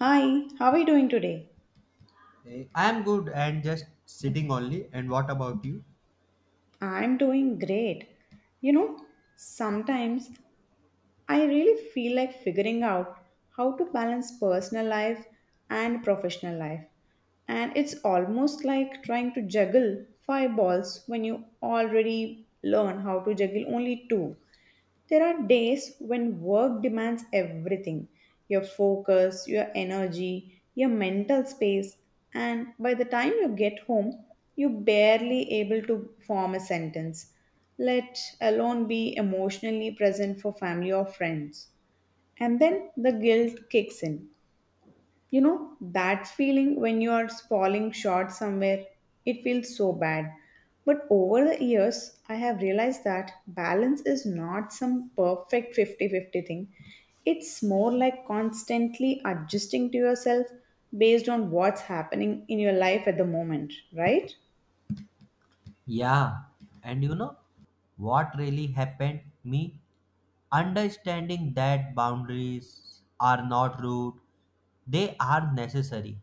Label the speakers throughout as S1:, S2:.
S1: Hi, how are you doing today?
S2: I'm good and just sitting only. And what about you?
S1: I'm doing great. You know, sometimes I really feel like figuring out how to balance personal life and professional life. And it's almost like trying to juggle five balls when you already learn how to juggle only two. There are days when work demands everything, your focus, your energy, your mental space, and by the time you get home, you're barely able to form a sentence, let alone be emotionally present for family or friends. And then the guilt kicks in. You know, that feeling when you are falling short somewhere, it feels so bad. But over the years, I have realized that balance is not some perfect 50-50 thing. It's more like constantly adjusting to yourself based on what's happening in your life at the moment, right?
S2: Yeah, and you know what really happened me? Understanding that boundaries are not rude, they are necessary.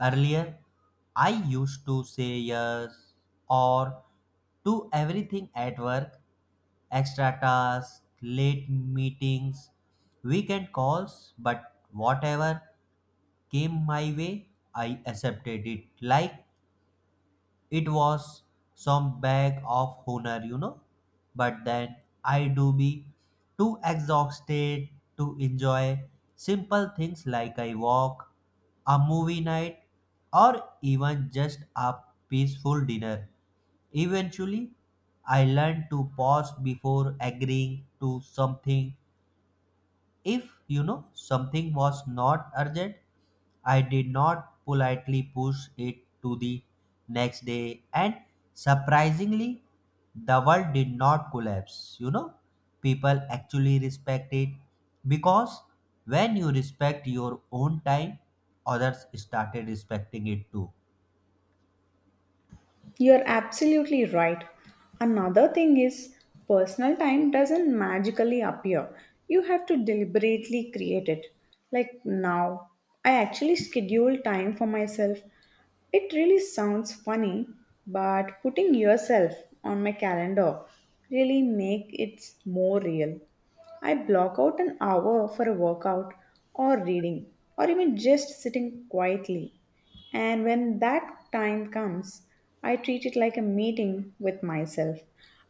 S2: Earlier, I used to say yes or to everything at work, extra tasks, late meetings, weekend calls, but whatever. Came my way, I accepted it like it was some bag of honor. But then I do be too exhausted to enjoy simple things like a walk, a movie night, or even just a peaceful dinner. Eventually, I learned to pause before agreeing to something if something was not urgent, I did not politely push it to the next day, and surprisingly, the world did not collapse. People actually respect it because when you respect your own time, others started respecting it too.
S1: You're absolutely right. Another thing is, personal time doesn't magically appear. You have to deliberately create it. Like now, I actually schedule time for myself. It really sounds funny, but putting yourself on my calendar really make it more real. I block out an hour for a workout or reading or even just sitting quietly. And when that time comes, I treat it like a meeting with myself.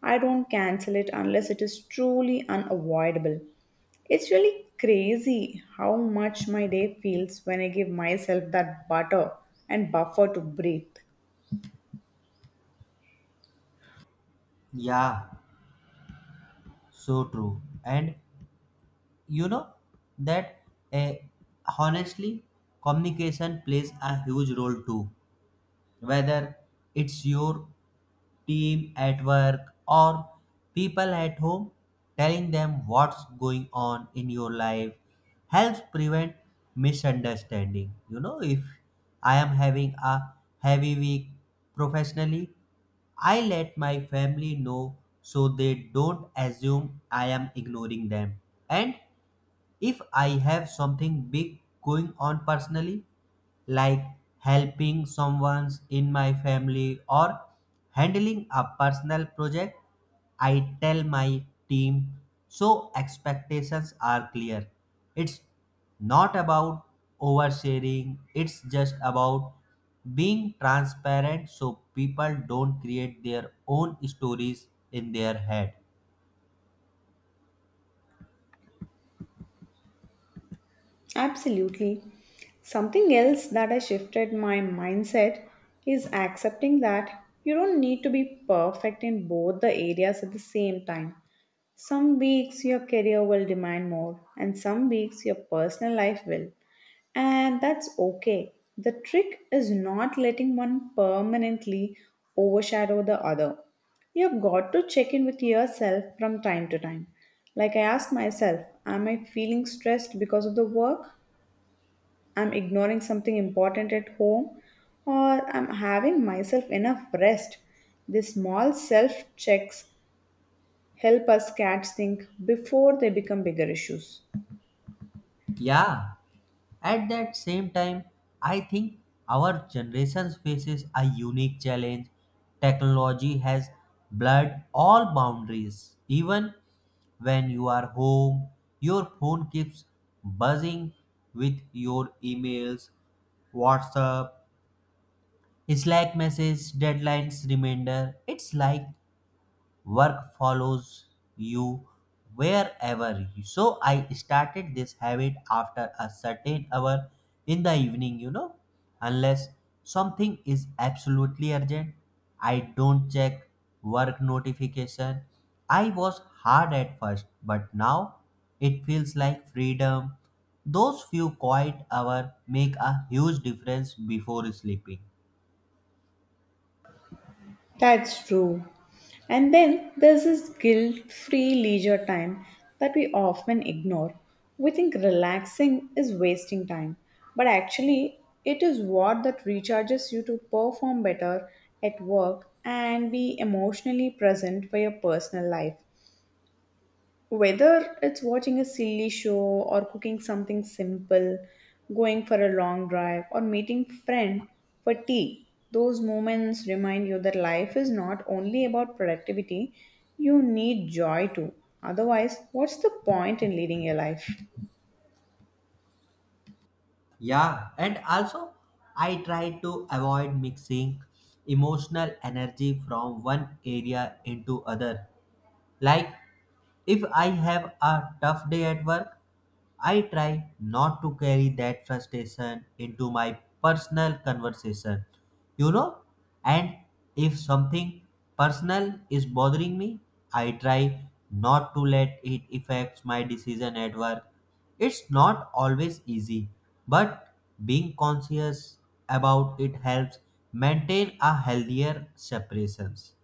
S1: I don't cancel it unless it is truly unavoidable. It's really crazy how much my day feels when I give myself that butter and buffer to breathe.
S2: Yeah, so true. And you know that eh, honestly, communication plays a huge role too. Whether it's your team at work or people at home, telling them what's going on in your life helps prevent misunderstanding. If I am having a heavy week professionally, I let my family know so they don't assume I am ignoring them. And if I have something big going on personally, like helping someone in my family or handling a personal project. I tell my team so expectations are clear. It's not about oversharing, it's just about being transparent so people don't create their own stories in their head.
S1: Absolutely. Something else that I shifted my mindset is accepting that you don't need to be perfect in both the areas at the same time. Some weeks your career will demand more, and some weeks your personal life will. And that's okay. The trick is not letting one permanently overshadow the other. You've got to check in with yourself from time to time. Like I ask myself, am I feeling stressed because of the work? I'm ignoring something important at home? Or I'm having myself enough rest? These small self checks help us catch things before they become bigger issues.
S2: Yeah, at that same time, I think our generation faces a unique challenge. Technology has blurred all boundaries. Even when you are home, your phone keeps buzzing with your emails, WhatsApp, Slack messages, deadlines, reminder. It's like work follows you wherever you. So I started this habit after a certain hour in the evening. Unless something is absolutely urgent, I don't check work notification. I was hard at first, but now it feels like freedom. Those few quiet hours make a huge difference before sleeping.
S1: That's true. And then there's this guilt free leisure time that we often ignore. We think relaxing is wasting time, but actually, it is what that recharges you to perform better at work and be emotionally present for your personal life. Whether it's watching a silly show or cooking something simple, going for a long drive, or meeting friend for tea, those moments remind you that life is not only about productivity, you need joy too. Otherwise, what's the point in leading your life?
S2: Yeah, and also I try to avoid mixing emotional energy from one area into other, like, if I have a tough day at work, I try not to carry that frustration into my personal conversation, you know. And if something personal is bothering me, I try not to let it affect my decision at work. It's not always easy, but being conscious about it helps maintain a healthier separations.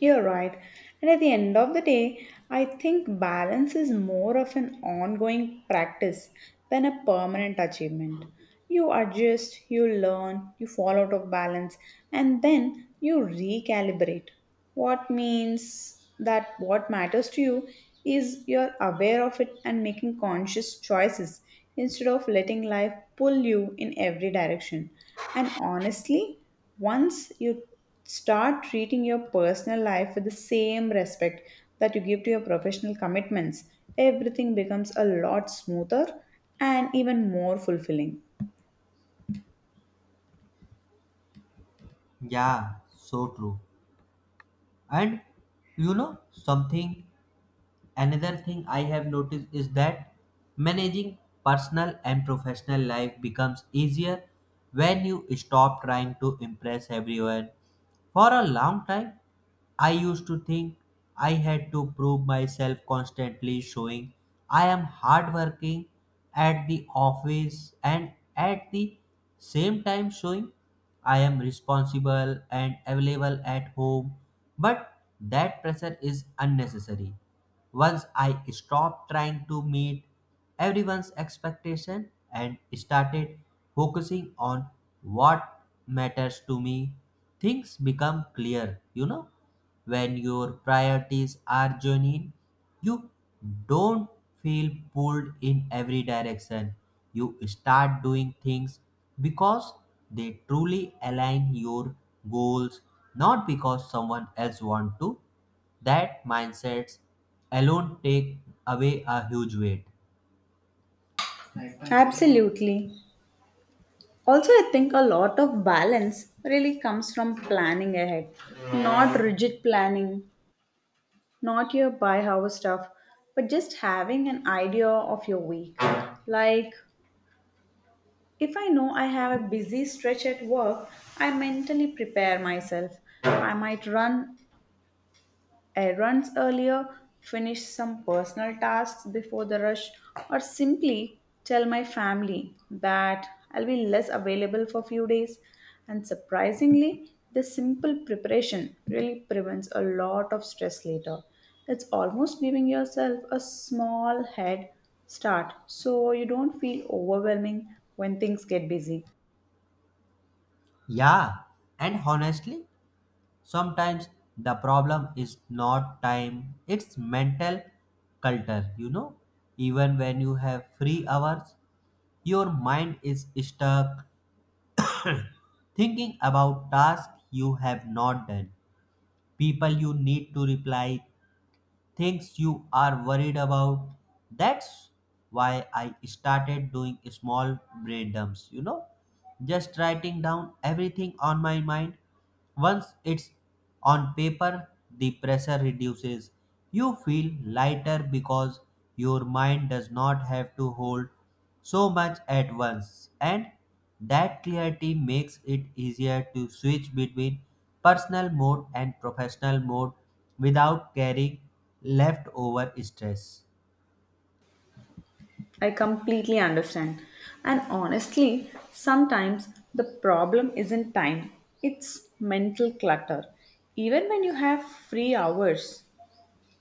S1: You're right. And at the end of the day, I think balance is more of an ongoing practice than a permanent achievement. You adjust, you learn, you fall out of balance, and then you recalibrate. What means that what matters to you is you're aware of it and making conscious choices instead of letting life pull you in every direction. And honestly, once you start treating your personal life with the same respect that you give to your professional commitments, everything becomes a lot smoother and even more fulfilling.
S2: Yeah, so true. And you know something, another thing I have noticed is that managing personal and professional life becomes easier when you stop trying to impress everyone. For a long time, I used to think I had to prove myself constantly, showing I am hardworking at the office and at the same time showing I am responsible and available at home. But that pressure is unnecessary. Once I stopped trying to meet everyone's expectation and started focusing on what matters to me, things become clear. When your priorities are genuine, you don't feel pulled in every direction. You start doing things because they truly align your goals, not because someone else want to. That mindsets alone take away a huge weight.
S1: Absolutely. Also, I think a lot of balance really comes from planning ahead. Not rigid planning, not your buy house stuff, but just having an idea of your week. Like, if I know I have a busy stretch at work, I mentally prepare myself. I might run errands earlier, finish some personal tasks before the rush, or simply tell my family that I'll be less available for a few days. And surprisingly, this simple preparation really prevents a lot of stress later. It's almost giving yourself a small head start so you don't feel overwhelming when things get busy.
S2: Yeah, and honestly, sometimes the problem is not time, it's mental culture. Even when you have free hours, your mind is stuck thinking about tasks you have not done, people you need to reply, things you are worried about. That's why I started doing small brain dumps, just writing down everything on my mind. Once it's on paper, the pressure reduces. You feel lighter because your mind does not have to hold so much at once. And that clarity makes it easier to switch between personal mode and professional mode without carrying leftover stress.
S1: I completely understand. And honestly, sometimes the problem isn't time, it's mental clutter. Even when you have free hours,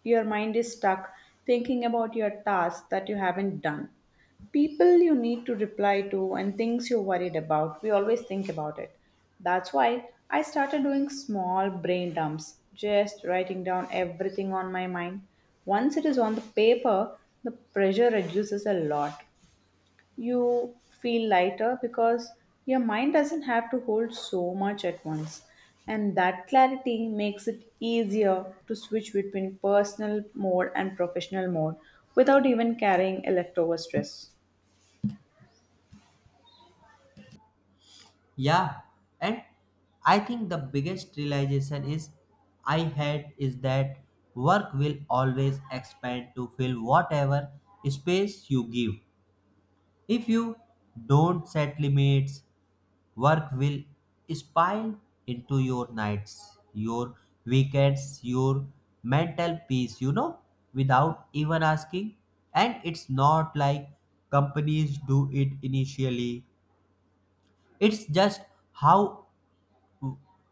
S1: your mind is stuck thinking about your tasks that you haven't done, people you need to reply to, and things you're worried about. We always think about it. That's why I started doing small brain dumps, just writing down everything on my mind. Once it is on the paper, the pressure reduces a lot. You feel lighter because your mind doesn't have to hold so much at once. And that clarity makes it easier to switch between personal mode and professional mode without even carrying a leftover stress.
S2: Yeah, and I think the biggest realization is I had is that work will always expand to fill whatever space you give. If you don't set limits, work will spill into your nights, your weekends, your mental peace, you know, without even asking. And it's not like companies do it initially. It's just how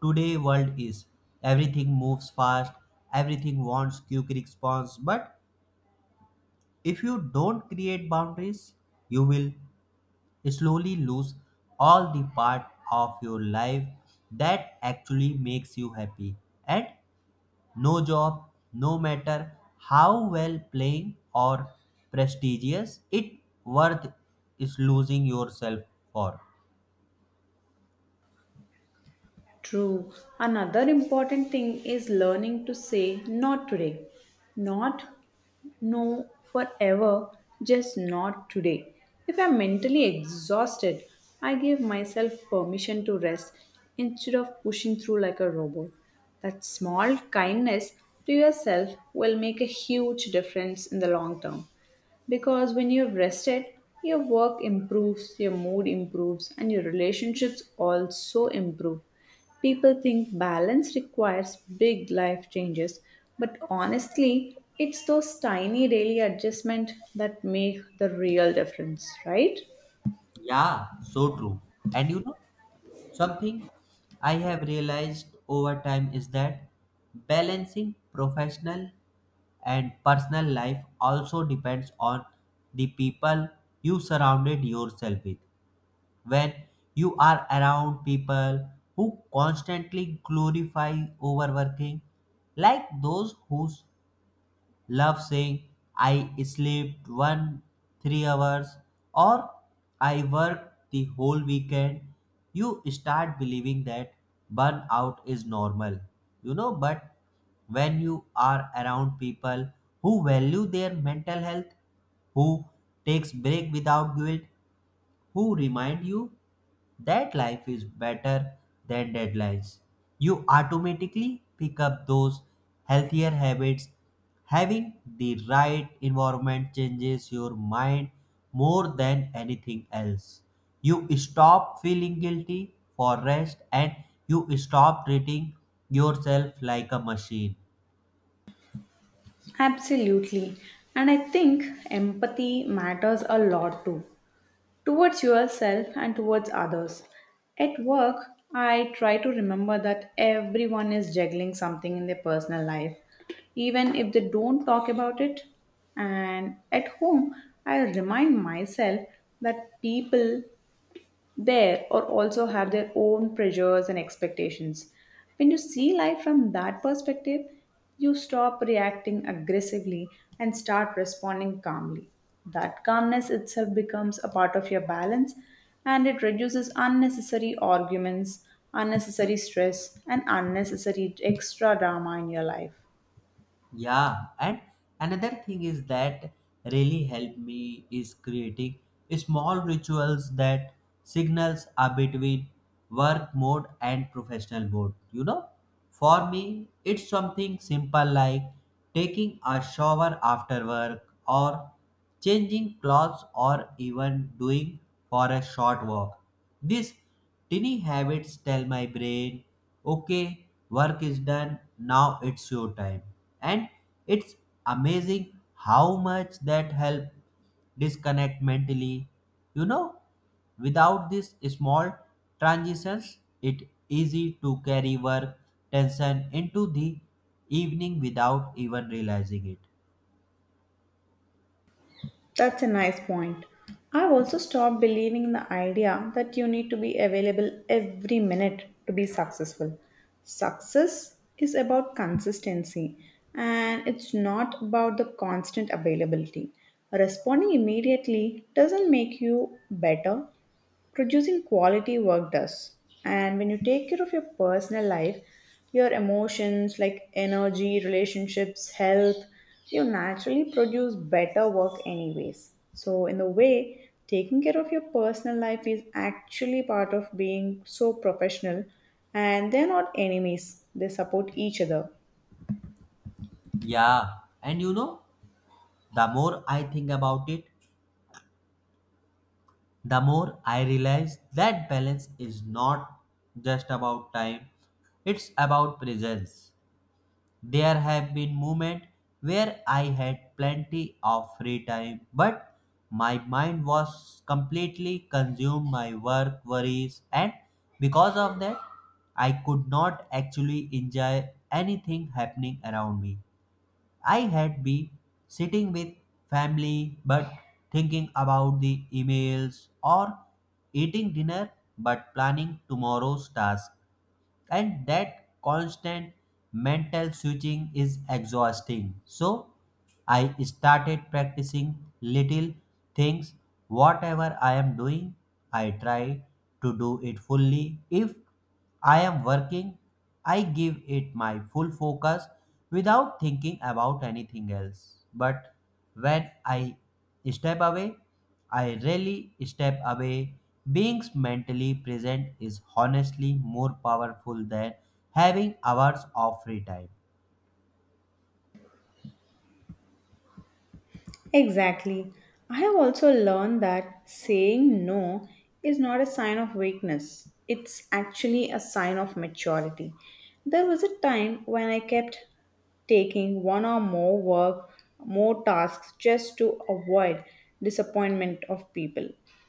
S2: today world is. Everything moves fast, everything wants quick response, but if you don't create boundaries, you will slowly lose all the part of your life that actually makes you happy. And no job, no matter how well paying or prestigious, it worth is losing yourself for.
S1: True. Another important thing is learning to say not today. Not no, forever, just not today. If I'm mentally exhausted, I give myself permission to rest instead of pushing through like a robot. That small kindness to yourself will make a huge difference in the long term. Because when you've rested, your work improves, your mood improves, and your relationships also improve. People think balance requires big life changes, but honestly, it's those tiny daily adjustments that make the real difference, right?
S2: Yeah, so true. And you know, something I have realized over time is that balancing professional and personal life also depends on the people you surrounded yourself with. When you are around people who constantly glorify overworking, like those who love saying I slept one three hours or I worked the whole weekend. You start believing that burnout is normal, but when you are around people who value their mental health, who takes break without guilt, who remind you that life is better than deadlines. You automatically pick up those healthier habits. Having the right environment changes your mind more than anything else. You stop feeling guilty for rest and you stop treating yourself like a machine.
S1: Absolutely. And I think empathy matters a lot too, towards yourself and towards others. At work, I try to remember that everyone is juggling something in their personal life, even if they don't talk about it. And at home, I remind myself that people there or also have their own pressures and expectations. When you see life from that perspective, you stop reacting aggressively and start responding calmly. That calmness itself becomes a part of your balance and it reduces unnecessary arguments, unnecessary stress, and unnecessary extra drama in your life.
S2: Yeah, and another thing is that really helped me is creating small rituals that signals are between work mode and professional mode. You know, for me, it's something simple like taking a shower after work or changing clothes or even doing for a short walk. This tiny habits tell my brain, okay, work is done, now it's your time. And it's amazing how much that help disconnect mentally. You know, without these small transitions, it easy to carry work tension into the evening without even realizing it.
S1: That's a nice point. I've also stopped believing in the idea that you need to be available every minute to be successful. Success is about consistency and it's not about the constant availability. Responding immediately doesn't make you better, producing quality work does. And when you take care of your personal life, your emotions like energy, relationships, health, you naturally produce better work, anyways. So, in a way, taking care of your personal life is actually part of being so professional, and they're not enemies, they support each other.
S2: Yeah, and you know, the more I think about it, the more I realize that balance is not just about time, it's about presence. There have been moments where I had plenty of free time, but my mind was completely consumed by work, worries, and because of that, I could not actually enjoy anything happening around me. I had been sitting with family but thinking about the emails or eating dinner but planning tomorrow's task. And that constant mental switching is exhausting. So I started practicing little things. Whatever I am doing, I try to do it fully. If I am working, I give it my full focus without thinking about anything else. But when I step away, I really step away. Being mentally present is honestly more powerful than having hours of free time.
S1: Exactly. I have also learned that saying no is not a sign of weakness, it's actually a sign of maturity. There was a time when I kept taking one or more work, more tasks just to avoid disappointment of people.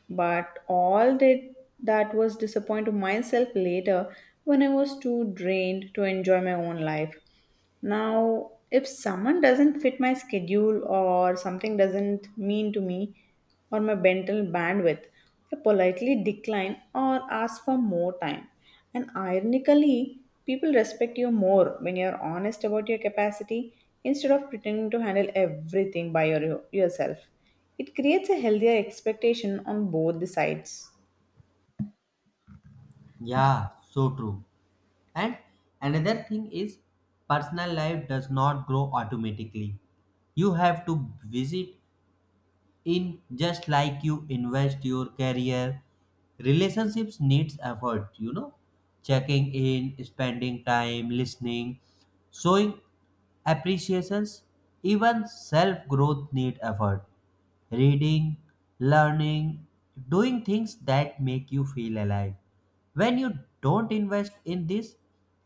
S1: But all did that was disappoint myself later when I was too drained to enjoy my own life. Now, if someone doesn't fit my schedule or something doesn't mean to me or my mental bandwidth, I politely decline or ask for more time. And ironically, people respect you more when you're honest about your capacity instead of pretending to handle everything by yourself. It creates a healthier expectation on both the sides.
S2: Yeah, so true. And another thing is personal life does not grow automatically. You have to visit in just like you invest your career, relationships needs effort, checking in, spending time, listening, showing appreciations, even self growth need effort, reading, learning, doing things that make you feel alive. When you don't invest in this,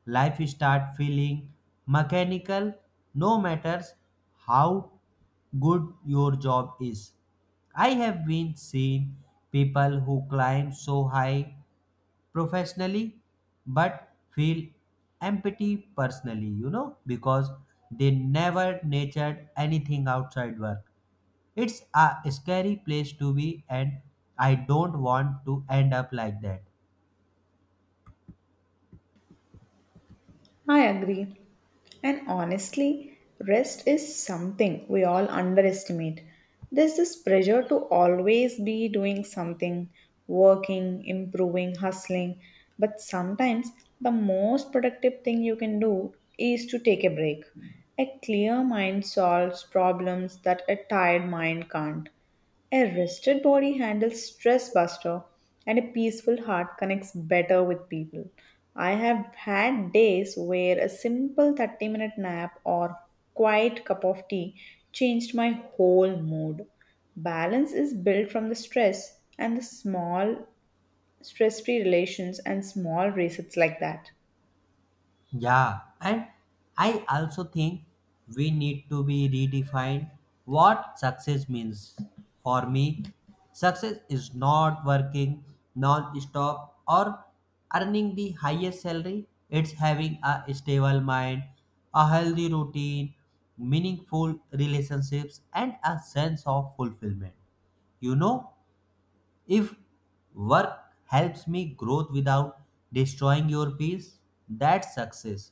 S2: life start feeling mechanical no matters how good your job is. I have been seen people who climb so high professionally but feel empty personally, because they never nurtured anything outside work. It's a scary place to be, and I don't want to end up like that.
S1: I agree. And honestly, rest is something we all underestimate. There's this pressure to always be doing something, working, improving, hustling. But sometimes the most productive thing you can do is to take a break. A clear mind solves problems that a tired mind can't. A rested body handles stress buster and a peaceful heart connects better with people. I have had days where a simple 30-minute minute nap or quiet cup of tea changed my whole mood. Balance is built from the stress and the small stress free relations and small resets like that.
S2: Yeah, and I also think we need to be redefined what success means. For me, success is not working non stop or earning the highest salary, it's having a stable mind, a healthy routine, meaningful relationships, and a sense of fulfillment. You know? If work helps me growth without destroying your peace, that's success.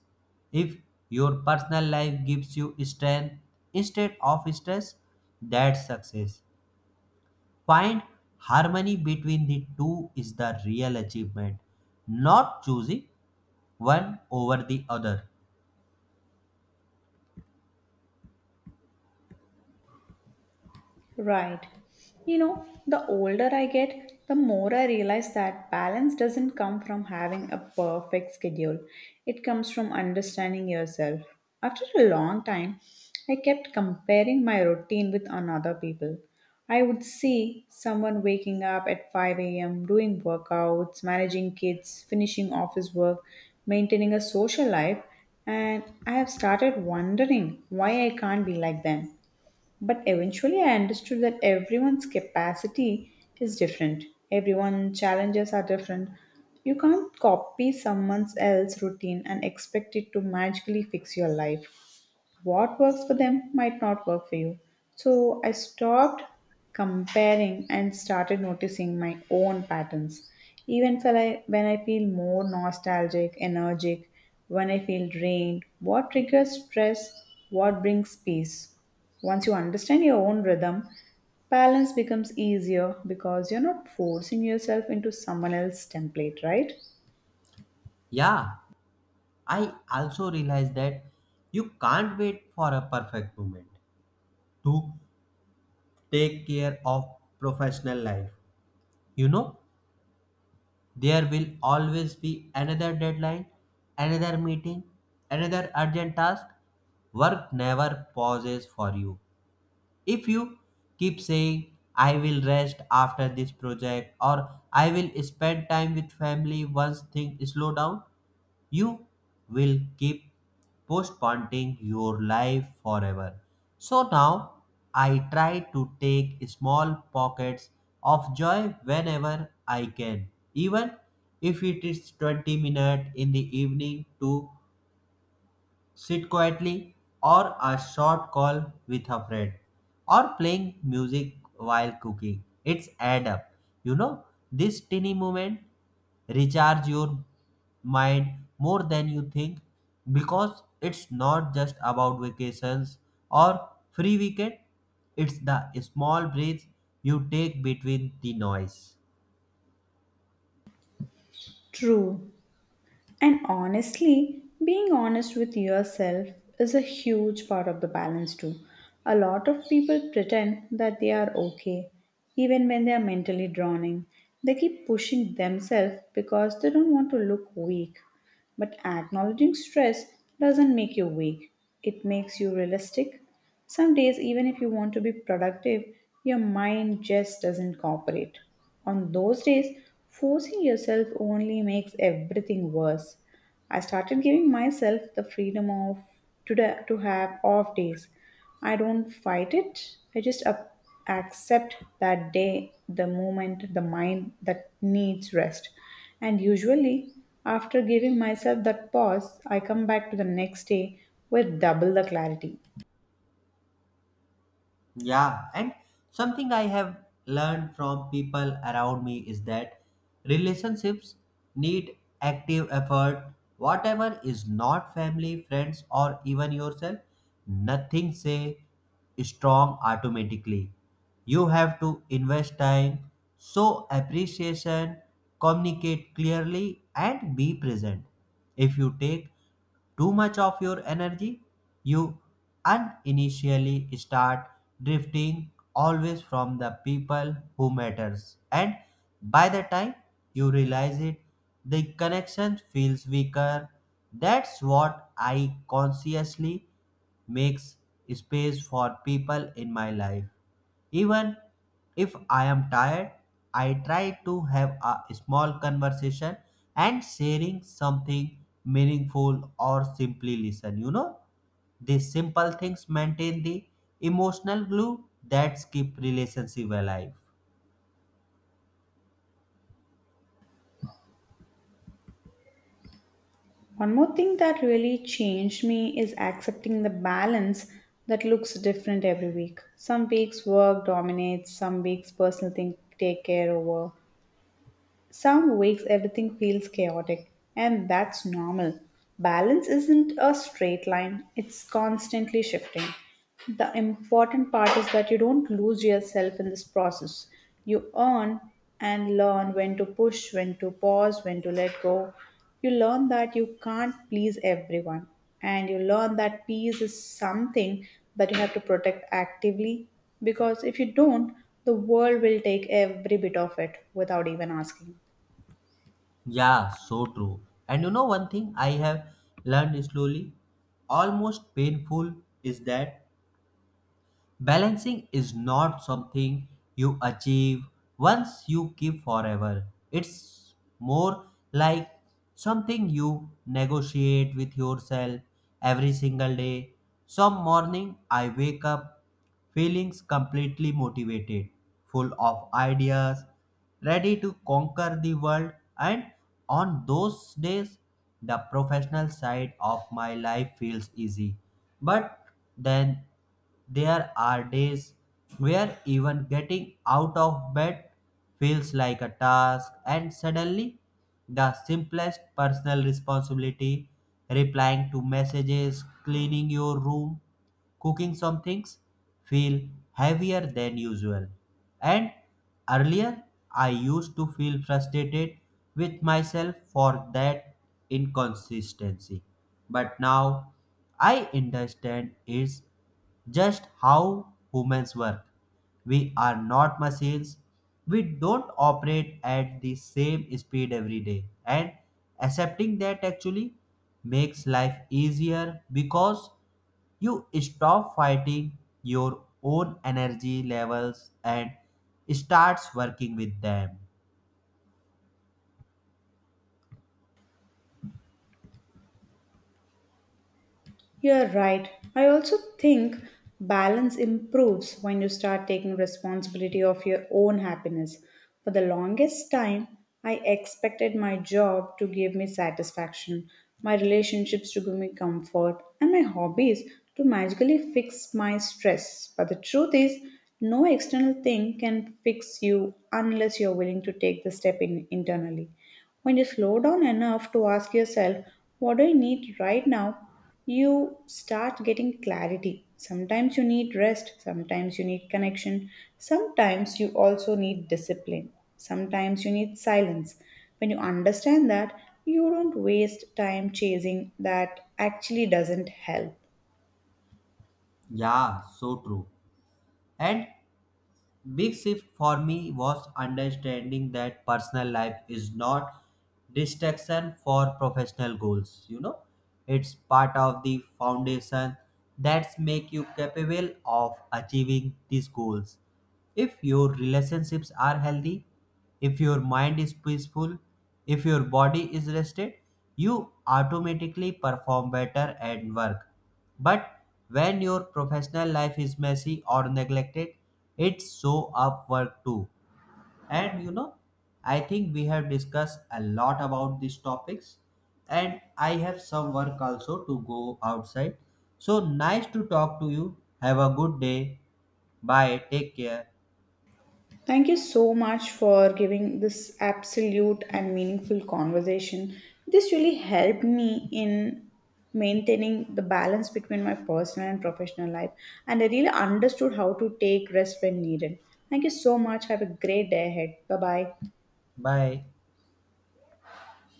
S2: If your personal life gives you strength instead of stress, that's success. Find harmony between the two is the real achievement, not choosing one over the other.
S1: Right. You know, the older I get, the more I realize that balance doesn't come from having a perfect schedule. It comes from understanding yourself. After a long time, I kept comparing my routine with another people. I would see someone waking up at 5 a.m., doing workouts, managing kids, finishing office work, maintaining a social life, and I have started wondering why I can't be like them. But eventually, I understood that everyone's capacity is different. Everyone's challenges are different. You can't copy someone else's routine and expect it to magically fix your life. What works for them might not work for you. So I stopped comparing and started noticing my own patterns. Even when I feel more nostalgic, energetic, when I feel drained, what triggers stress, what brings peace. Once you understand your own rhythm, balance becomes easier because you're not forcing yourself into someone else's template, right?
S2: Yeah, I also realize that you can't wait for a perfect moment to take care of professional life you know There will always be another deadline, another meeting, another urgent task. Work never pauses for you. If you keep saying, I will rest after this project or I will spend time with family once things slow down, you will keep postponing your life forever. So now I try to take small pockets of joy whenever I can, even if it is 20 minutes in the evening to sit quietly, or a short call with a friend, or playing music while cooking. It's add up. You know, this tiny moment recharge your mind more than you think because it's not just about vacations or free weekend, it's the small breaks you take between the noise.
S1: True. And honestly, being honest with yourself is a huge part of the balance too. A lot of people pretend that they are okay, even when they are mentally drowning. They keep pushing themselves because they don't want to look weak. But acknowledging stress doesn't make you weak, it makes you realistic. Some days, even if you want to be productive, your mind just doesn't cooperate. On those days, forcing yourself only makes everything worse. I started giving myself the freedom of today to have off days. I don't fight it. I just up, accept that day, the moment, the mind that needs rest. And usually, after giving myself that pause, I come back to the next day with double the clarity.
S2: Yeah, and something I have learned from people around me is that relationships need active effort. Whatever is not family, friends, or even yourself, nothing say strong automatically. You have to invest time, show appreciation, communicate clearly, and be present. If you take too much of your energy, you uninitially start drifting always from the people who matters, and by the time you realize it, the connection feels weaker. That's what I consciously makes space for people in my life. Even if I am tired, I try to have a small conversation and sharing something meaningful or simply listen, you know. These simple things maintain the emotional glue that keep relationship alive.
S1: One more thing that really changed me is accepting the balance that looks different every week. Some weeks work dominates, some weeks personal things take care over, some weeks everything feels chaotic, and that's normal. Balance isn't a straight line, it's constantly shifting. The important part is that you don't lose yourself in this process. You earn and learn when to push, when to pause, when to let go. You learn that you can't please everyone, and you learn that peace is something that you have to protect actively because if you don't, the world will take every bit of it without even asking.
S2: Yeah, so true. And you know one thing I have learned slowly, almost painful, is that balancing is not something you achieve once you keep forever. It's more like something you negotiate with yourself every single day. Some morning I wake up feeling completely motivated, full of ideas, ready to conquer the world, and on those days the professional side of my life feels easy. But then there are days where even getting out of bed feels like a task, and suddenly, the simplest personal responsibility, replying to messages, cleaning your room, cooking some things, feel heavier than usual. And earlier, I used to feel frustrated with myself for that inconsistency. But now I understand it's just how humans work. We are not machines. We don't operate at the same speed every day. And accepting that actually makes life easier because you stop fighting your own energy levels and starts working with them.
S1: You're right. I also think balance improves when you start taking responsibility of your own happiness. For the longest time, I expected my job to give me satisfaction, my relationships to give me comfort, and my hobbies to magically fix my stress. But the truth is, no external thing can fix you unless you're willing to take the step in internally. When you slow down enough to ask yourself, what do I need right now? You start getting clarity. Sometimes you need rest, sometimes you need connection, sometimes you also need discipline, sometimes you need silence. When you understand that, you don't waste time chasing that actually doesn't help.
S2: Yeah, so true. And big shift for me was understanding that personal life is not distraction for professional goals. It's part of the foundation that's make you capable of achieving these goals. If your relationships are healthy, if your mind is peaceful, if your body is rested, you automatically perform better at work. But when your professional life is messy or neglected, it show up work too. And you know, I think we have discussed a lot about these topics, and I have some work also to go outside. So nice to talk to you. Have a good day. Bye. Take care.
S1: Thank you so much for giving this absolute and meaningful conversation. This really helped me in maintaining the balance between my personal and professional life, and I really understood how to take rest when needed. Thank you so much. Have a great day ahead. Bye bye.
S2: Bye.